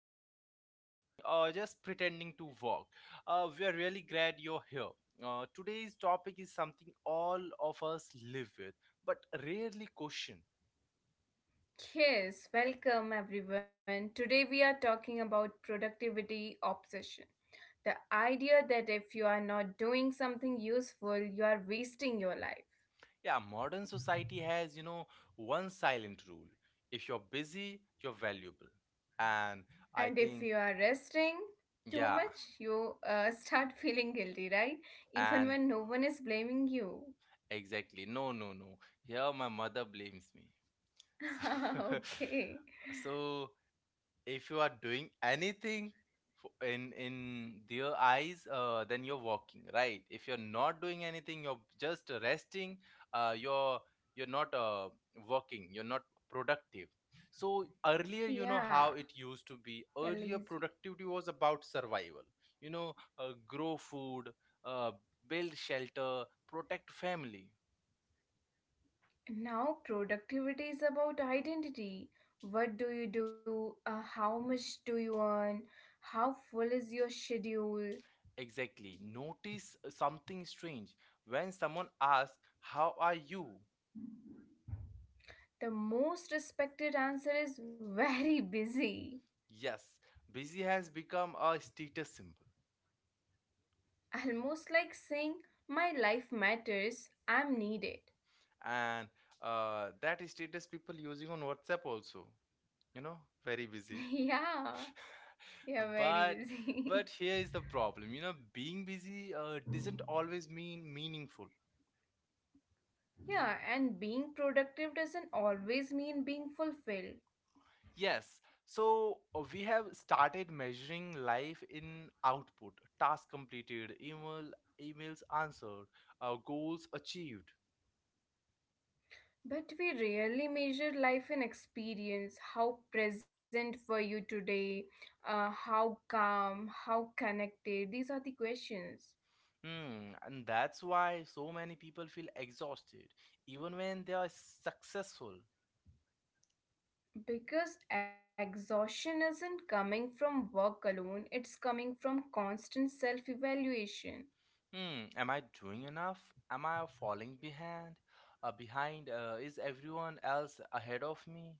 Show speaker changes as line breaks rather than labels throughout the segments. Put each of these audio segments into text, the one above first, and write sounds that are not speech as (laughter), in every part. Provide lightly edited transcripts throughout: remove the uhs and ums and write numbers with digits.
commuting, resting, or just pretending to walk, we are really glad you're here. Today's topic is something all of us live with, but rarely question.
Yes, welcome everyone. Today we are talking about productivity obsession. The idea that if you are not doing something useful, you are wasting your life.
Yeah, modern society has, you know, one silent rule. If you're busy, you're valuable. And I
And if
think,
you are resting too
yeah,
much, you start (laughs) feeling guilty, right? Even
and
when no one is blaming you.
exactly. No, no, no. Here, my mother blames me. (laughs)
(laughs)
So,
Okay.
(laughs) so if you are doing anything in their eyes, then you're walking right. If you're not doing anything, you're just resting. uh, you're you're not working, you're not productive. So earlier, you know
Yeah,
how it used to be,
you're
earlier
lazy.
productivity was about survival, you know. Grow food, uh, build shelter, protect family.
Now, productivity is about identity. What do you do? How much do you earn? How full is your schedule?
Exactly. Notice something strange. When someone asks how are you?
The most respected answer is very (laughs) busy.
Yes, busy has become a status symbol,
Almost like saying, my life matters, I'm needed.
and that status people using on WhatsApp also. You know, very busy.
(laughs) Yeah, yeah,
(laughs)
very
but
busy.
but here is the problem. You know, being busy doesn't always mean meaningful.
(laughs) Yeah, and being productive doesn't always mean being fulfilled.
Yes, so we have started measuring life in output, task completed, emails answered, goals achieved.
But we rarely measure life in experience. How present were you today? How calm? How connected? These are the questions.
Hmm, and that's why so many people feel exhausted, even when they are successful.
Because exhaustion isn't coming from work alone, it's coming from constant self evaluation.
Hmm, am I doing enough? Am I falling behind? Is everyone else ahead of me?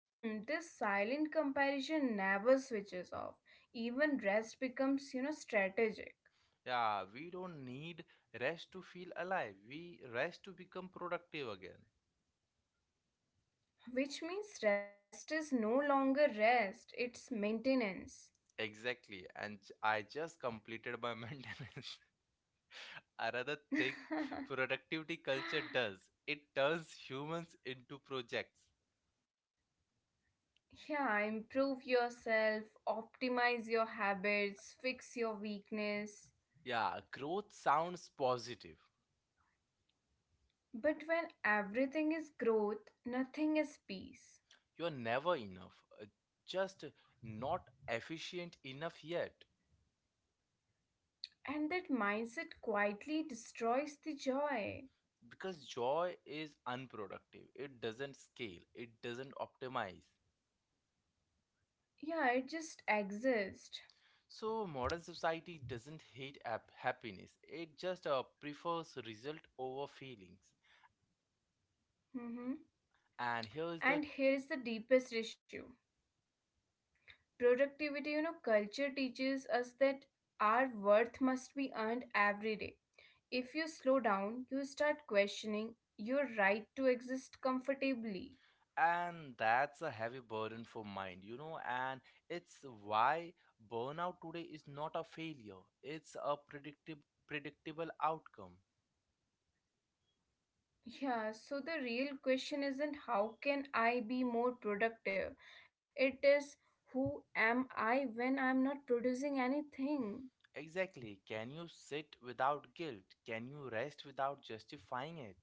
Hmm, this silent comparison never switches off. Even rest becomes, strategic.
Yeah, we don't need rest to feel alive. We rest to become productive again.
Which means rest is no longer rest, it's maintenance.
Exactly, and I just completed my (laughs) maintenance. I rather think
(laughs)
productivity culture does. It turns humans into projects.
Yeah, improve yourself, optimize your habits, fix your weakness,
Yeah, growth sounds positive.
but when everything is growth, nothing is peace,
You're never enough, just not efficient enough yet.
and that mindset quietly destroys the joy.
Because joy is unproductive, it doesn't scale, it doesn't optimize.
Yeah, it just exists.
So, modern society doesn't hate happiness, it just prefers result over feelings.
Hmm,
And here is the
and here is the deepest issue. Productivity, culture teaches us that our worth must be earned every day. If you slow down, you start questioning your right to exist comfortably.
and that's a heavy burden for mind, you know, and it's why burnout today is not a failure, it's a predictable outcome.
Yeah, so the real question isn't how can I be more productive? It is, who am I when I'm not producing anything?
Exactly, can you sit without guilt, can you rest without justifying it?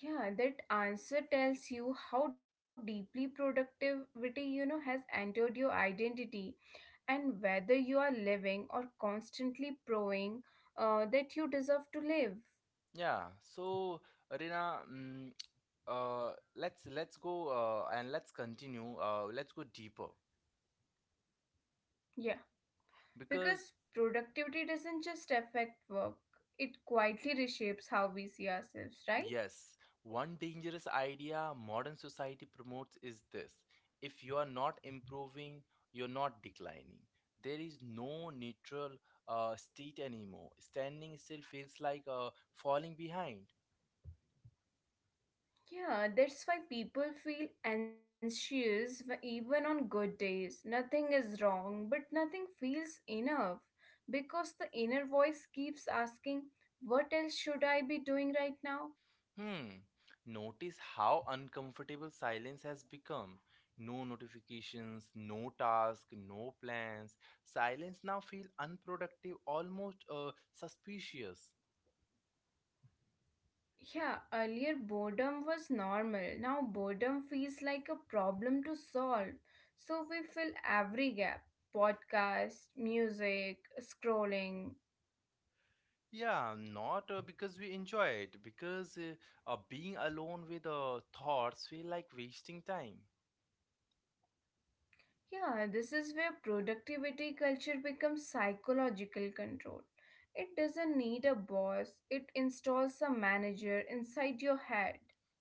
Yeah, that answer tells you how deeply productivity, has entered your identity and whether you are living or constantly proving that you deserve to live.
Yeah, so arena, uh let's go, and let's continue, let's go deeper,
Yeah,
because
because productivity doesn't just affect work, it quietly reshapes how we see ourselves, right?
yes, one dangerous idea modern society promotes is this. If you are not improving, you're not declining. There is no neutral state anymore. Standing still feels like falling behind.
Yeah, that's why people feel anxious even on good days. Nothing is wrong, but nothing feels enough because the inner voice keeps asking, what else should I be doing right now?
Hmm, notice how uncomfortable silence has become. No notifications, no task, no plans. Silence now feels unproductive, almost suspicious.
Yeah, earlier boredom was normal. Now boredom feels like a problem to solve. So we fill every gap, podcast, music, scrolling.
Yeah, not because we enjoy it, because being alone with thoughts feel like wasting time.
Yeah, this is where productivity culture becomes psychological control. It doesn't need a boss, it installs a manager inside your head.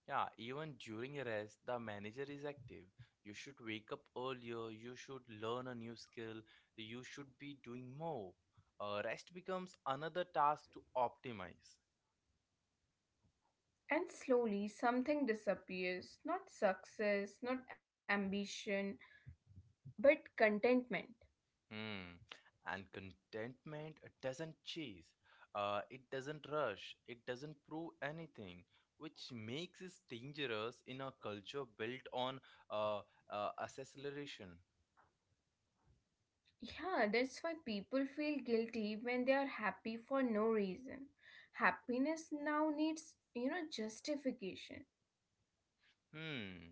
Yeah, even during a rest, the manager is active. You should wake up earlier, you should learn a new skill, you should be doing more. Rest becomes another task to optimize.
And slowly something disappears, not success, not ambition, but contentment.
Hmm. And contentment doesn't chase, it doesn't rush, it doesn't prove anything, which makes it dangerous in a culture built on uh, acceleration.
Yeah, that's why people feel guilty when they are happy for no reason. Happiness now needs, justification.
Hmm.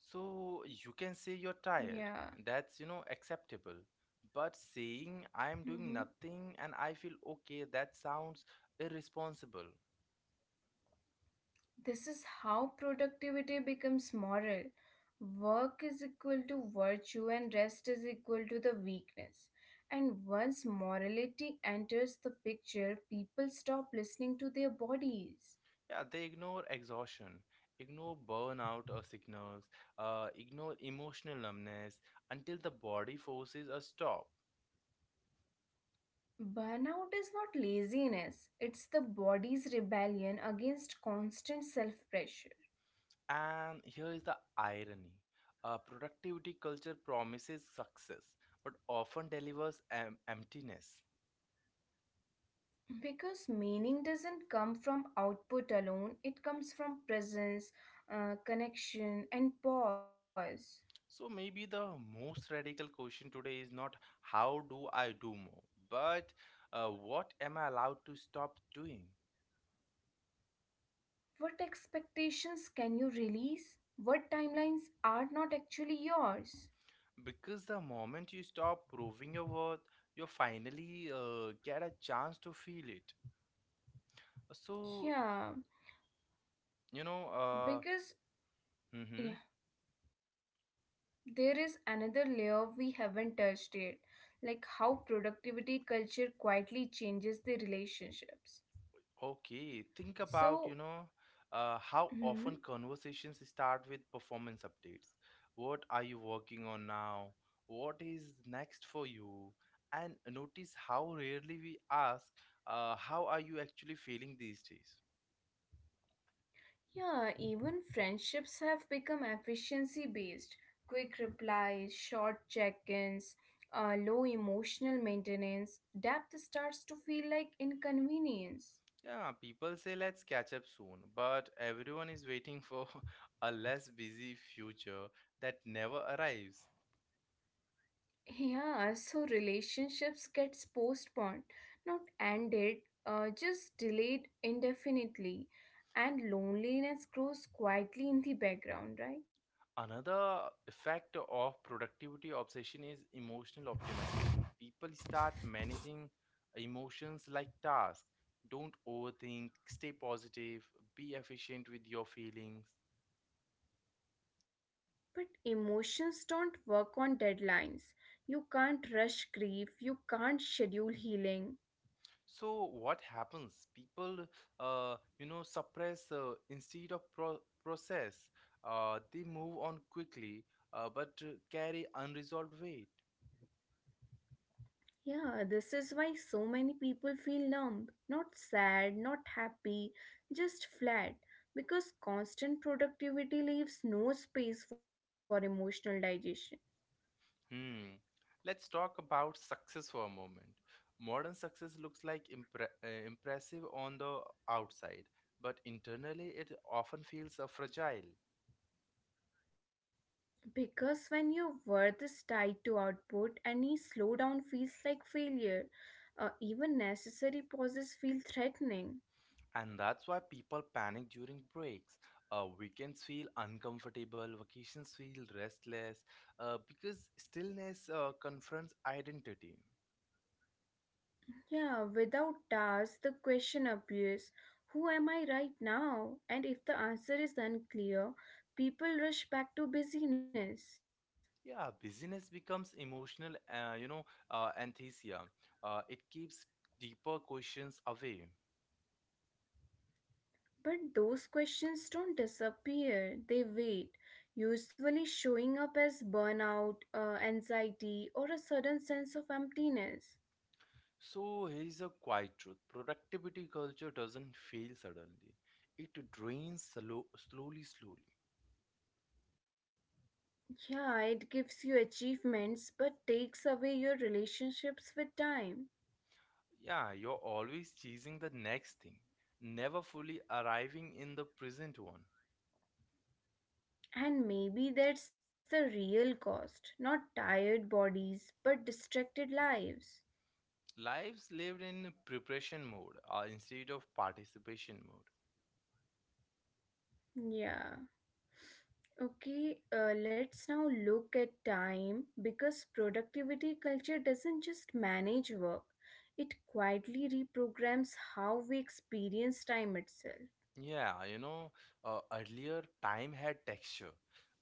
So you can say you're
Yeah.
tired. That's, you know, acceptable. But saying I'm doing
Mm-hmm.
nothing and I feel okay, that sounds irresponsible.
This is how productivity becomes moral. Work is equal to virtue, and rest is equal to the weakness. And once morality enters the picture, people stop listening to their bodies.
Yeah, they ignore exhaustion, ignore burnout or signals, ignore emotional numbness until the body forces a stop.
Burnout is not laziness, it's the body's rebellion against constant self pressure.
And here is the irony. Productivity culture promises success but often delivers emptiness.
Because meaning doesn't come from output alone, it comes from presence, connection, and pause.
So maybe the most radical question today is not how do I do more, but what am I allowed to stop doing?
What expectations can you release? What timelines are not actually yours?
Because the moment you stop proving your worth, you finally get a chance to feel it. So,
Yeah,
you know,
because
hmm
yeah, there is another layer we haven't touched yet, like how productivity culture quietly changes the relationships.
okay, think about, you
So,
know, how
hmm,
often conversations start with performance updates. What are you working on now? What is next for you? And notice how rarely we ask, how are you actually feeling these days?
yeah, even friendships have become efficiency based. Quick replies, short check-ins, low emotional maintenance. Depth starts to feel like inconvenience.
Yeah, people say let's catch up soon, but everyone is waiting for (laughs) a less busy future that never arrives.
Yeah, so relationships gets postponed, not ended, just delayed indefinitely, and loneliness grows quietly in the background, right?
Another effect of productivity obsession is emotional optimization. People start managing emotions like tasks. Don't overthink, stay positive, be efficient with your feelings.
But emotions don't work on deadlines. You can't rush grief, you can't schedule healing.
So what happens, people you know suppress instead of process, they move on quickly, but carry unresolved weight.
Yeah, this is why so many people feel numb, not sad, not happy, just flat, because constant productivity leaves no space for emotional digestion.
Hmm, let's talk about success for a moment. Modern success looks like impressive on the outside, but internally it often feels fragile.
Because when your worth is tied to output, any slowdown feels like failure. Even necessary pauses feel threatening.
And that's why people panic during breaks. Weekends feel uncomfortable, vacations feel restless, because stillness confronts identity.
Yeah, without tasks, the question appears, who am I right now? And if the answer is unclear, people rush back to busyness.
Yeah, busyness becomes emotional, you know, anesthesia. It keeps deeper questions away.
But those questions don't disappear, they wait, usually showing up as burnout, anxiety, or a sudden sense of emptiness.
So here's a quiet truth: productivity culture doesn't fail suddenly, it drains slowly, slowly.
Yeah, it gives you achievements but takes away your relationships with time.
Yeah, you're always chasing the next thing, never fully arriving in the present one.
And maybe that's the real cost, not tired bodies, but distracted lives.
Lives lived in preparation mode instead of participation mode.
Yeah. Okay, let's now look at time, because productivity culture doesn't just manage work, it quietly reprograms how we experience time itself.
Yeah, you know, earlier time had texture.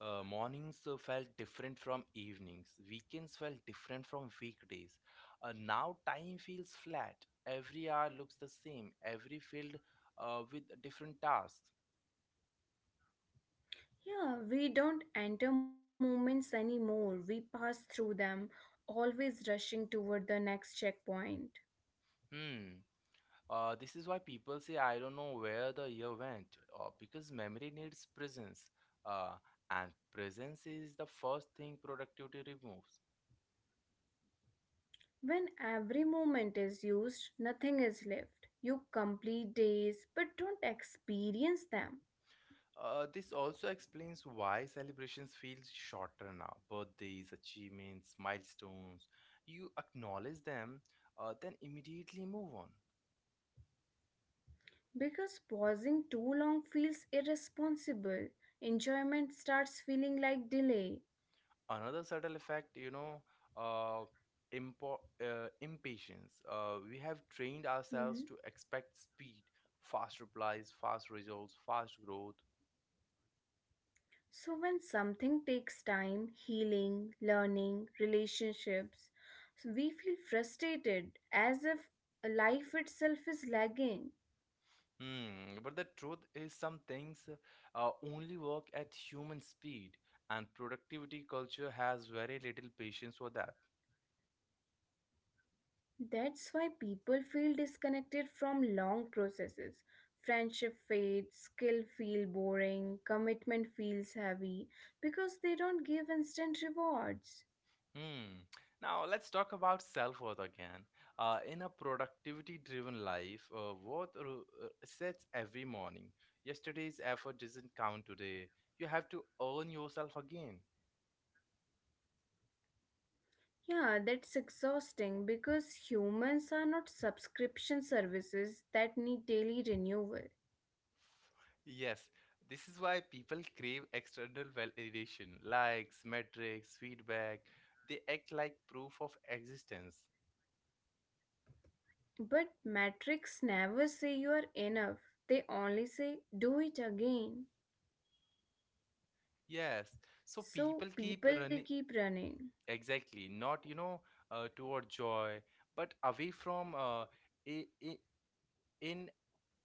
Mornings felt different from evenings, weekends felt different from weekdays. Now time feels flat. Every hour looks the same, every field with different tasks.
Yeah, we don't enter moments anymore. We pass through them, always rushing toward the next checkpoint.
Hmm. This is why people say, I don't know where the year went, because memory needs presence, uh, and presence is the first thing productivity removes.
When every moment is used, nothing is left. You complete days but don't experience them
This also explains why celebrations feel shorter now. Birthdays, achievements, milestones. You acknowledge them, then immediately move on.
because pausing too long feels irresponsible. Enjoyment starts feeling like delay.
Another subtle effect, you know, uh, impatience. We have trained ourselves
Mm-hmm.
to expect speed, fast replies, fast results, fast growth.
So, when something takes time, healing, learning, relationships, so we feel frustrated as if life itself is lagging.
Hmm. But the truth is, some things only work at human speed, and productivity culture has very little patience for that.
That's why people feel disconnected from long processes. Friendship fades, skill feel boring, commitment feels heavy because they don't give instant rewards.
Hmm. Now let's talk about self-worth again. In a productivity-driven life, worth sets every morning. Yesterday's effort doesn't count today. You have to earn yourself again.
Yeah, that's exhausting because humans are not subscription services that need daily renewal.
Yes, this is why people crave external validation, likes, metrics, feedback. They act like proof of existence.
But metrics never say you are enough. They only say do it again.
Yes, so people
So
keep
people
running,
keep running.
exactly, not you know toward joy, but away from, a, in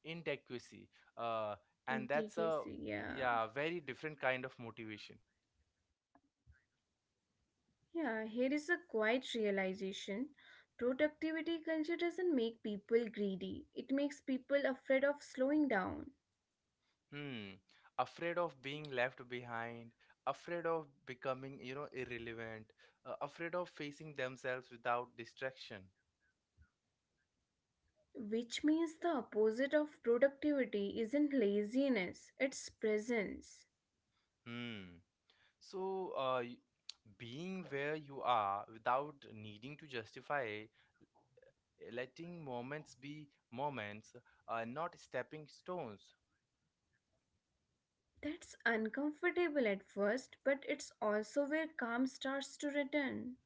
inadequacy, uh, and
And
that's a,
DKC, yeah.
yeah, very different kind of motivation.
Yeah, here is a quiet realization. Productivity culture doesn't make people greedy. It makes people afraid of slowing down.
Hmm, afraid of being left behind, afraid of becoming, you know, irrelevant, afraid of facing themselves without distraction.
Which means the opposite of productivity isn't laziness, it's presence.
Hmm, so being where you are without needing to justify, eh, letting moments be moments, not stepping stones.
That's uncomfortable at first, but it's also where calm starts to return.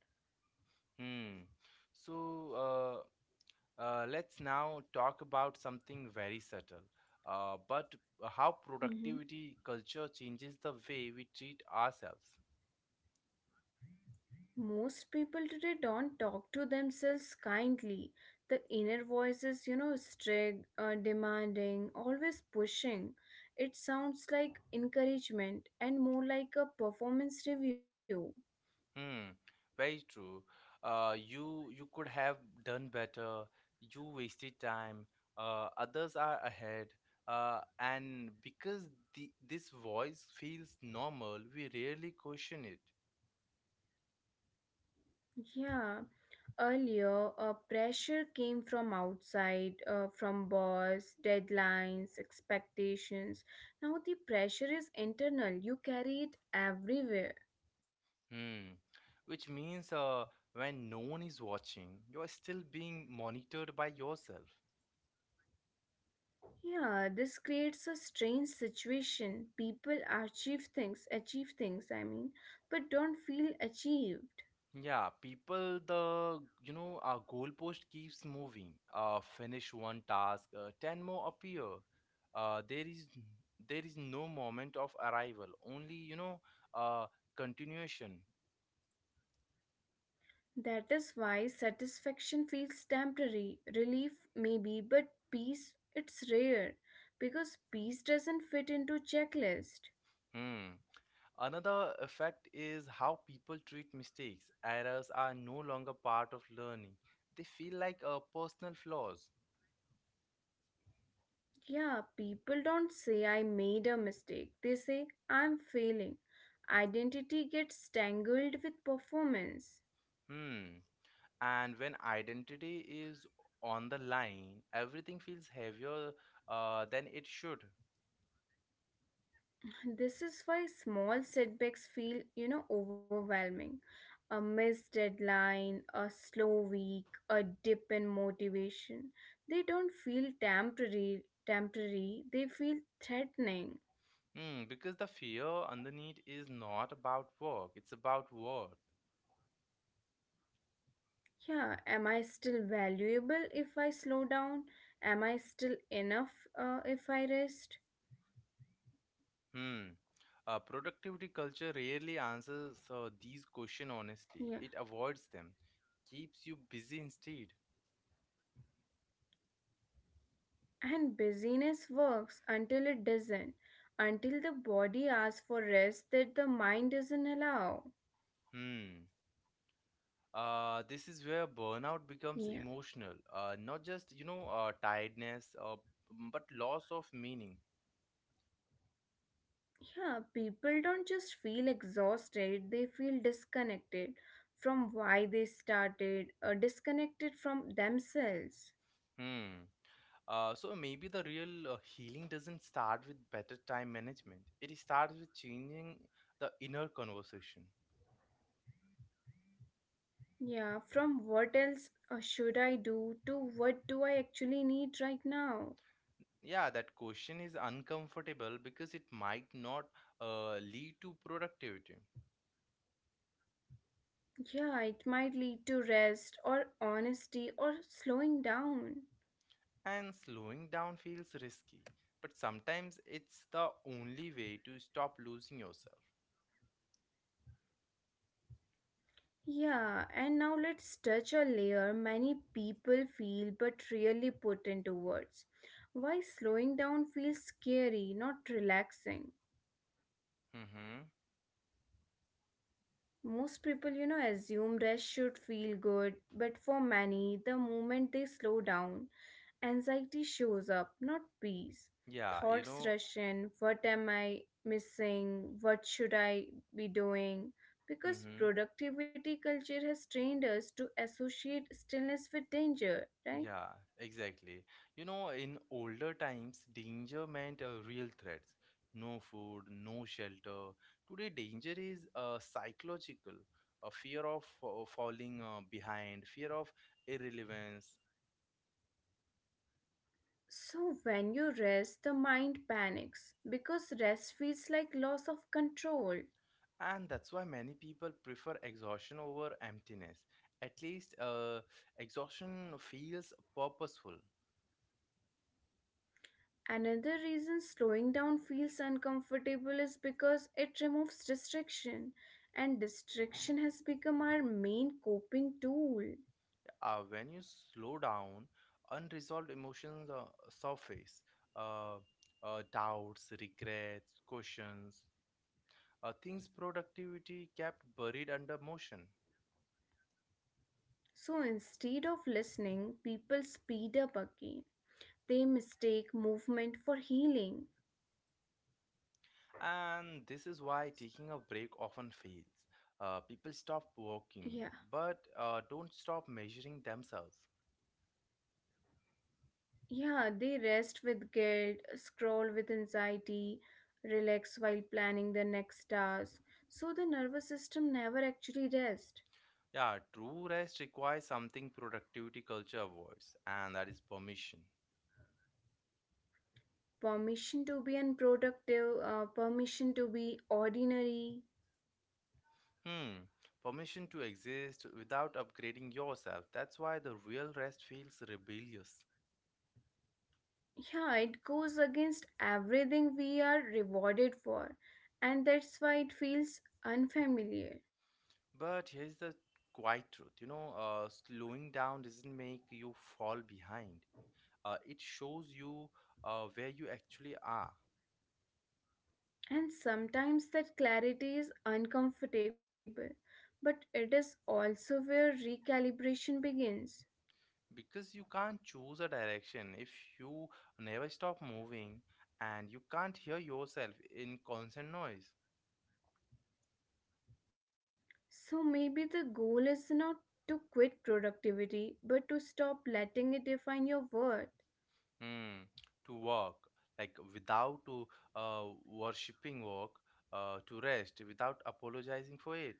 hmm so uh, let's now talk about something very subtle, but how
Mhm.
productivity culture changes the way we treat ourselves.
Most people today don't talk to themselves kindly. The inner voice is, strict, demanding, always pushing. It sounds like encouragement and more like a performance review.
Hmm, very true. You you could have done better. You wasted time. Others are ahead. And because this voice feels normal, we rarely question it.
Yeah, earlier, pressure came from outside, from boss, deadlines, expectations. Now the pressure is internal. You carry it everywhere.
Hmm, which means when no one is watching, you are still being monitored by yourself.
Yeah, this creates a strange situation. People achieve things, but don't feel achieved.
Yeah, people, the, you know, our goalpost keeps moving. Finish one task, ten more appear. There is no moment of arrival, only you know, uh, continuation.
That is why satisfaction feels temporary. Relief, maybe, but peace, it's rare. Because peace doesn't fit into checklist.
Hmm. Another effect is how people treat mistakes. Errors are no longer part of learning; they feel like personal flaws.
Yeah, people don't say I made a mistake. They say I'm failing. Identity gets tangled with performance.
Hmm. And when identity is on the line, everything feels heavier than it should.
This is why small setbacks feel, overwhelming. A missed deadline, a slow week, a dip in motivation. They don't feel temporary, they feel threatening.
Hmm, because the fear underneath is not about work, it's about worth.
Yeah, am I still valuable if I slow down? Am I still enough if I rest?
Hmm. Productivity culture rarely answers these questions
Yeah.
honestly, it avoids them, keeps you busy instead.
And busyness works until it doesn't, until the body asks for rest that the mind doesn't allow.
Hmm. This is where burnout becomes
Yeah.
emotional, not just you know tiredness, but loss of meaning.
Yeah, people don't just feel exhausted, they feel disconnected from why they started, or disconnected from themselves.
Hmm. So maybe the real healing doesn't start with better time management. It starts with changing the inner conversation.
Yeah, from what else should I do to what do I actually need right now?
Yeah, that question is uncomfortable because it might not lead to productivity.
Yeah, it might lead to rest or honesty or slowing down.
And slowing down feels risky, but sometimes it's the only way to stop losing yourself.
Yeah, and now let's touch a layer many people feel but rarely put into words. Why slowing down feels scary, not relaxing.
Mm-hmm.
Most people, assume rest should feel good, but for many, the moment they slow down, anxiety shows up, not peace.
Yeah, you
Thoughts
know.
rush in, what am I missing? What should I be doing? Because
Mm-hmm.
productivity culture has trained us to associate stillness with danger, right?
Yeah, exactly. You know, in older times, danger meant real threats. No food, no shelter. Today, danger is psychological, a fear of falling behind, fear of irrelevance.
So, when you rest, the mind panics because rest feels like loss of control.
And that's why many people prefer exhaustion over emptiness. At least, exhaustion feels purposeful.
Another reason slowing down feels uncomfortable is because it removes distraction, and distraction has become our main coping tool.
When you slow down, unresolved emotions surface. Uh, Doubts, regrets, questions, things productivity kept buried under motion.
So instead of listening, people speed up again. They mistake movement for healing.
And this is why taking a break often fails. People stop
Yeah,
working, but don't stop measuring themselves.
yeah, they rest with guilt, scroll with anxiety, relax while planning the next task. So the nervous system never actually rests.
Yeah, true rest requires something productivity culture avoids, and that is permission.
Permission to be unproductive, permission to be ordinary.
Hmm, permission to exist without upgrading yourself. That's why the real rest feels rebellious.
Yeah, it goes against everything we are rewarded for, and that's why it feels unfamiliar.
But here's the quiet truth, you know, slowing down doesn't make you fall behind, it shows you where you actually are.
And sometimes that clarity is uncomfortable, but it is also where recalibration begins.
Because you can't choose a direction if you never stop moving, and you can't hear yourself in constant noise.
So maybe the goal is not to quit productivity, but to stop letting it define your worth.
Mm, to walk, like without to worshipping work, to rest without apologizing for it.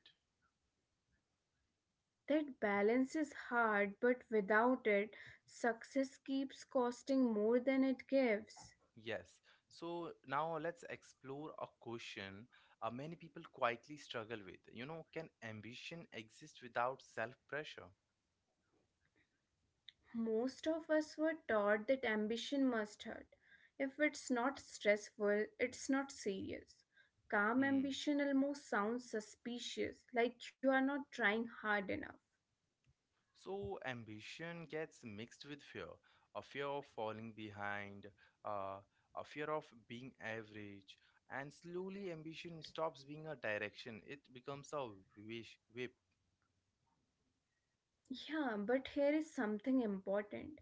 That balance is hard, but without it, success keeps costing more than it gives.
Yes. So now let's explore a question, many people quietly struggle with. You know, can ambition exist without self pressure?
Most of us were taught that ambition must hurt. If it's not stressful, it's not serious. Calm
Hmm.
ambition almost sounds suspicious, like you are not trying hard enough.
So ambition gets mixed with fear, a fear of falling behind, uh, a fear of being average, and slowly ambition stops being a direction. It becomes a wish whip.
Yeah, but here is something important.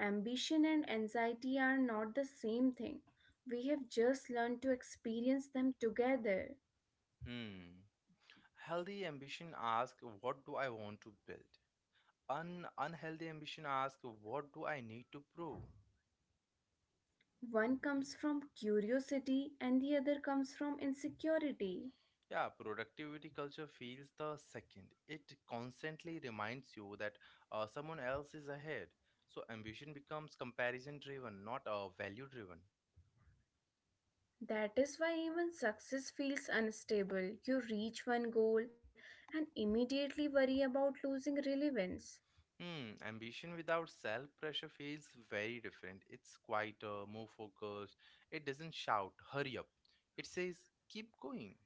Ambition and anxiety are not the same thing. We have just learned to experience them together.
Hmm. Healthy ambition asks, "What do I want to build?" An unhealthy ambition asks, "What do I need to prove?"
One comes from curiosity and the other comes from insecurity.
Yeah, productivity culture feels the second. It constantly reminds you that someone else is ahead. So ambition becomes comparison driven, not value driven.
That is why even success feels unstable. You reach one goal and immediately worry about losing relevance.
Hmm, ambition without self pressure feels very different. It's quieter, more focused. It doesn't shout, hurry up. It says, keep going.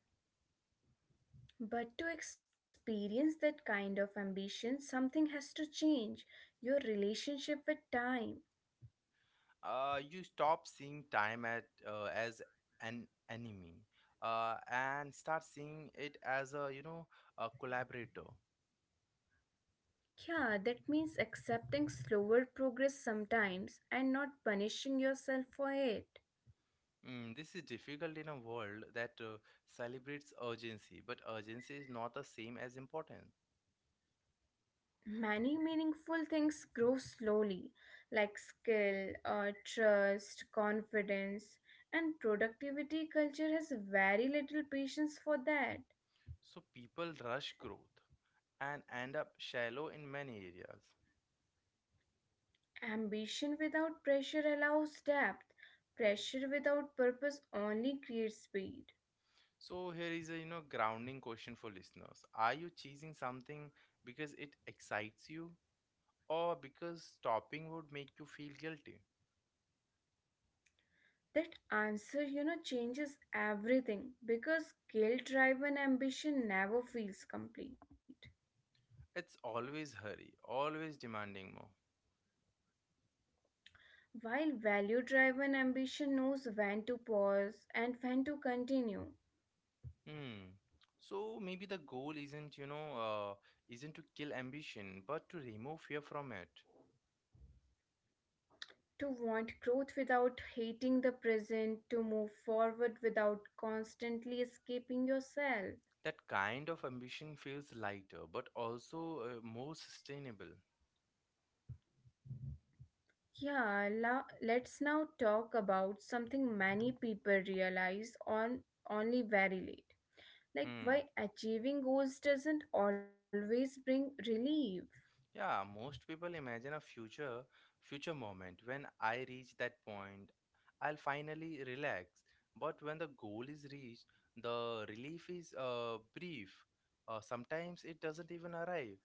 But to experience that kind of ambition, something has to change, your relationship with time.
You stop seeing time as an enemy and start seeing it as a, a collaborator.
Yeah, that means accepting slower progress sometimes and not punishing yourself for it.
Mm, this is difficult in a world that celebrates urgency, but urgency is not the same as importance.
Many meaningful things grow slowly, like skill, trust, confidence, and productivity culture has very little patience for that.
So people rush growth and end up shallow in many areas.
Ambition without pressure allows depth, pressure without purpose only creates speed.
So here is a grounding question for listeners. Are you chasing something because it excites you or because stopping would make you feel guilty?
That answer, changes everything because skill driven ambition never feels complete.
It's always hurry, always demanding more.
While value driven ambition knows when to pause and when to continue.
Hmm. So maybe the goal isn't you know isn't to kill ambition but to remove fear from it.
To want growth without hating the present, to move forward without constantly escaping yourself.
That kind of ambition feels lighter, but also more sustainable.
Yeah, let's now talk about something many people realize on only very late. Like
Hmm.
why achieving goals doesn't always bring relief.
Yeah, most people imagine a future moment when I reach that point, I'll finally relax. But when the goal is reached, the relief is brief. Sometimes it doesn't even arrive.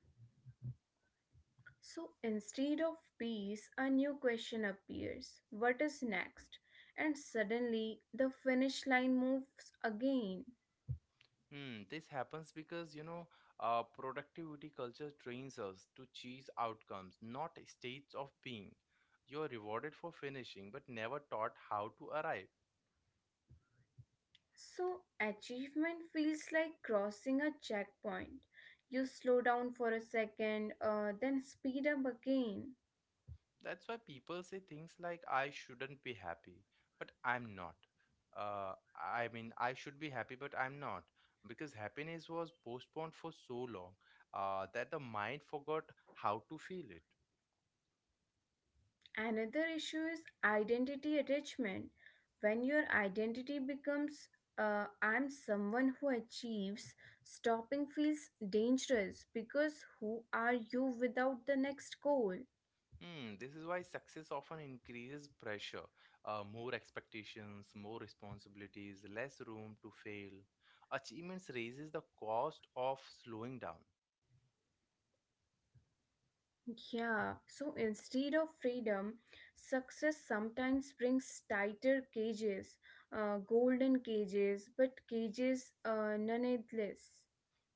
So instead of peace, a new question appears. What is next? And suddenly the finish line moves again.
Hmm, this happens because productivity culture trains us to chase outcomes, not states of being. You're rewarded for finishing, but never taught how to arrive.
So, achievement feels like crossing a checkpoint. You slow down for a second, then speed up again.
That's why people say things like, I shouldn't be happy, but I'm not. I mean, I should be happy, but I'm not. Because happiness was postponed for so long, that the mind forgot how to feel it.
Another issue is identity attachment. When your identity becomes I'm someone who achieves, stopping feels dangerous because who are you without the next goal?
Hmm, this is why success often increases pressure, more expectations, more responsibilities, less room to fail. Achievements raises the cost of slowing down.
Yeah, so instead of freedom, success sometimes brings tighter cages, golden cages, but cages nonetheless.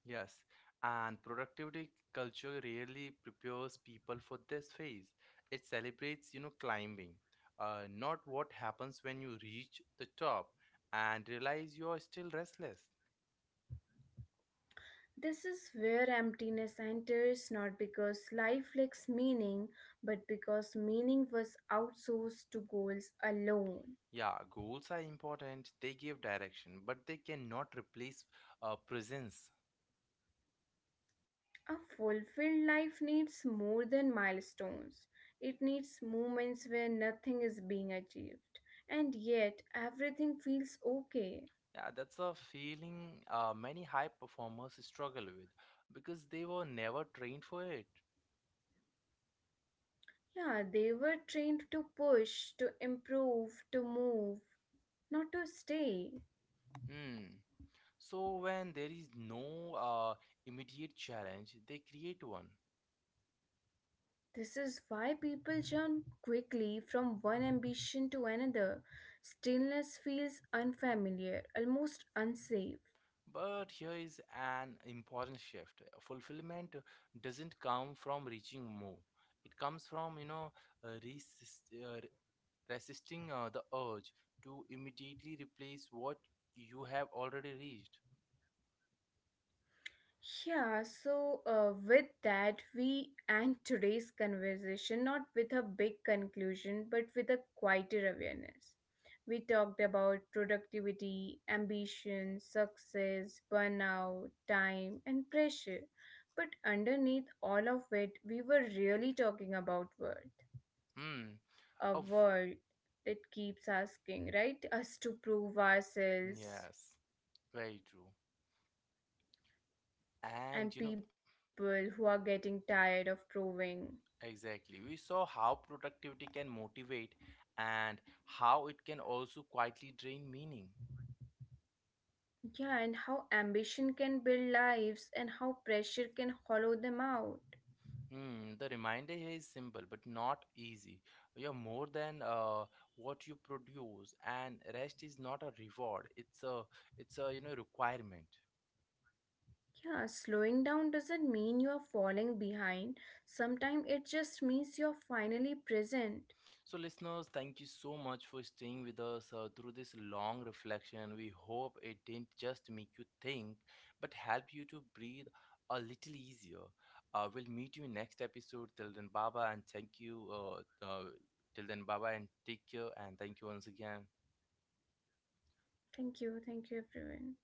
Yes, and productivity culture really prepares people for this phase. It celebrates, climbing, not what happens when you reach the top and realize you are still restless.
This is where emptiness enters, not because life lacks meaning, but because meaning was outsourced to goals alone.
Yeah, goals are important. They give direction, but they cannot replace presence.
A fulfilled life needs more than milestones. It needs moments where nothing is being achieved, and yet everything feels okay.
Yeah, that's a feeling many high performers struggle with because they were never trained for it.
Yeah, they were trained to push, to improve, to move, not to stay.
Hmm. So when there is no immediate challenge, they create one.
This is why people jump quickly from one ambition to another. Stillness feels unfamiliar, almost unsafe.
But here is an important shift. Fulfillment doesn't come from reaching more. It comes from, uh, resist, uh, resisting the urge to immediately replace what you have already reached.
Yeah, so with that, we end today's conversation not with a big conclusion, but with a quieter awareness. We talked about productivity, ambition, success, burnout, time, and pressure. But underneath all of it, we were really talking about worth.
Hmm.
A
Of
world that keeps asking, right, us to prove ourselves,
yes. Very true. And you know,
and people who are getting tired of proving.
exactly. We saw how productivity can motivate and how it can also quietly drain meaning.
Yeah, and how ambition can build lives and how pressure can hollow them out.
Hmm, the reminder here is simple but not easy. You're more than what you produce, and rest is not a reward. It's a it's a requirement.
Yeah, slowing down doesn't mean you're falling behind. Sometimes it just means you're finally present.
So, listeners, thank you so much for staying with us through this long reflection. We hope it didn't just make you think, but help you to breathe a little easier. We'll meet you in next episode. Till then, Baba, and thank you. Till then, Baba, and take care. And thank you once again.
Thank you. Thank you, everyone.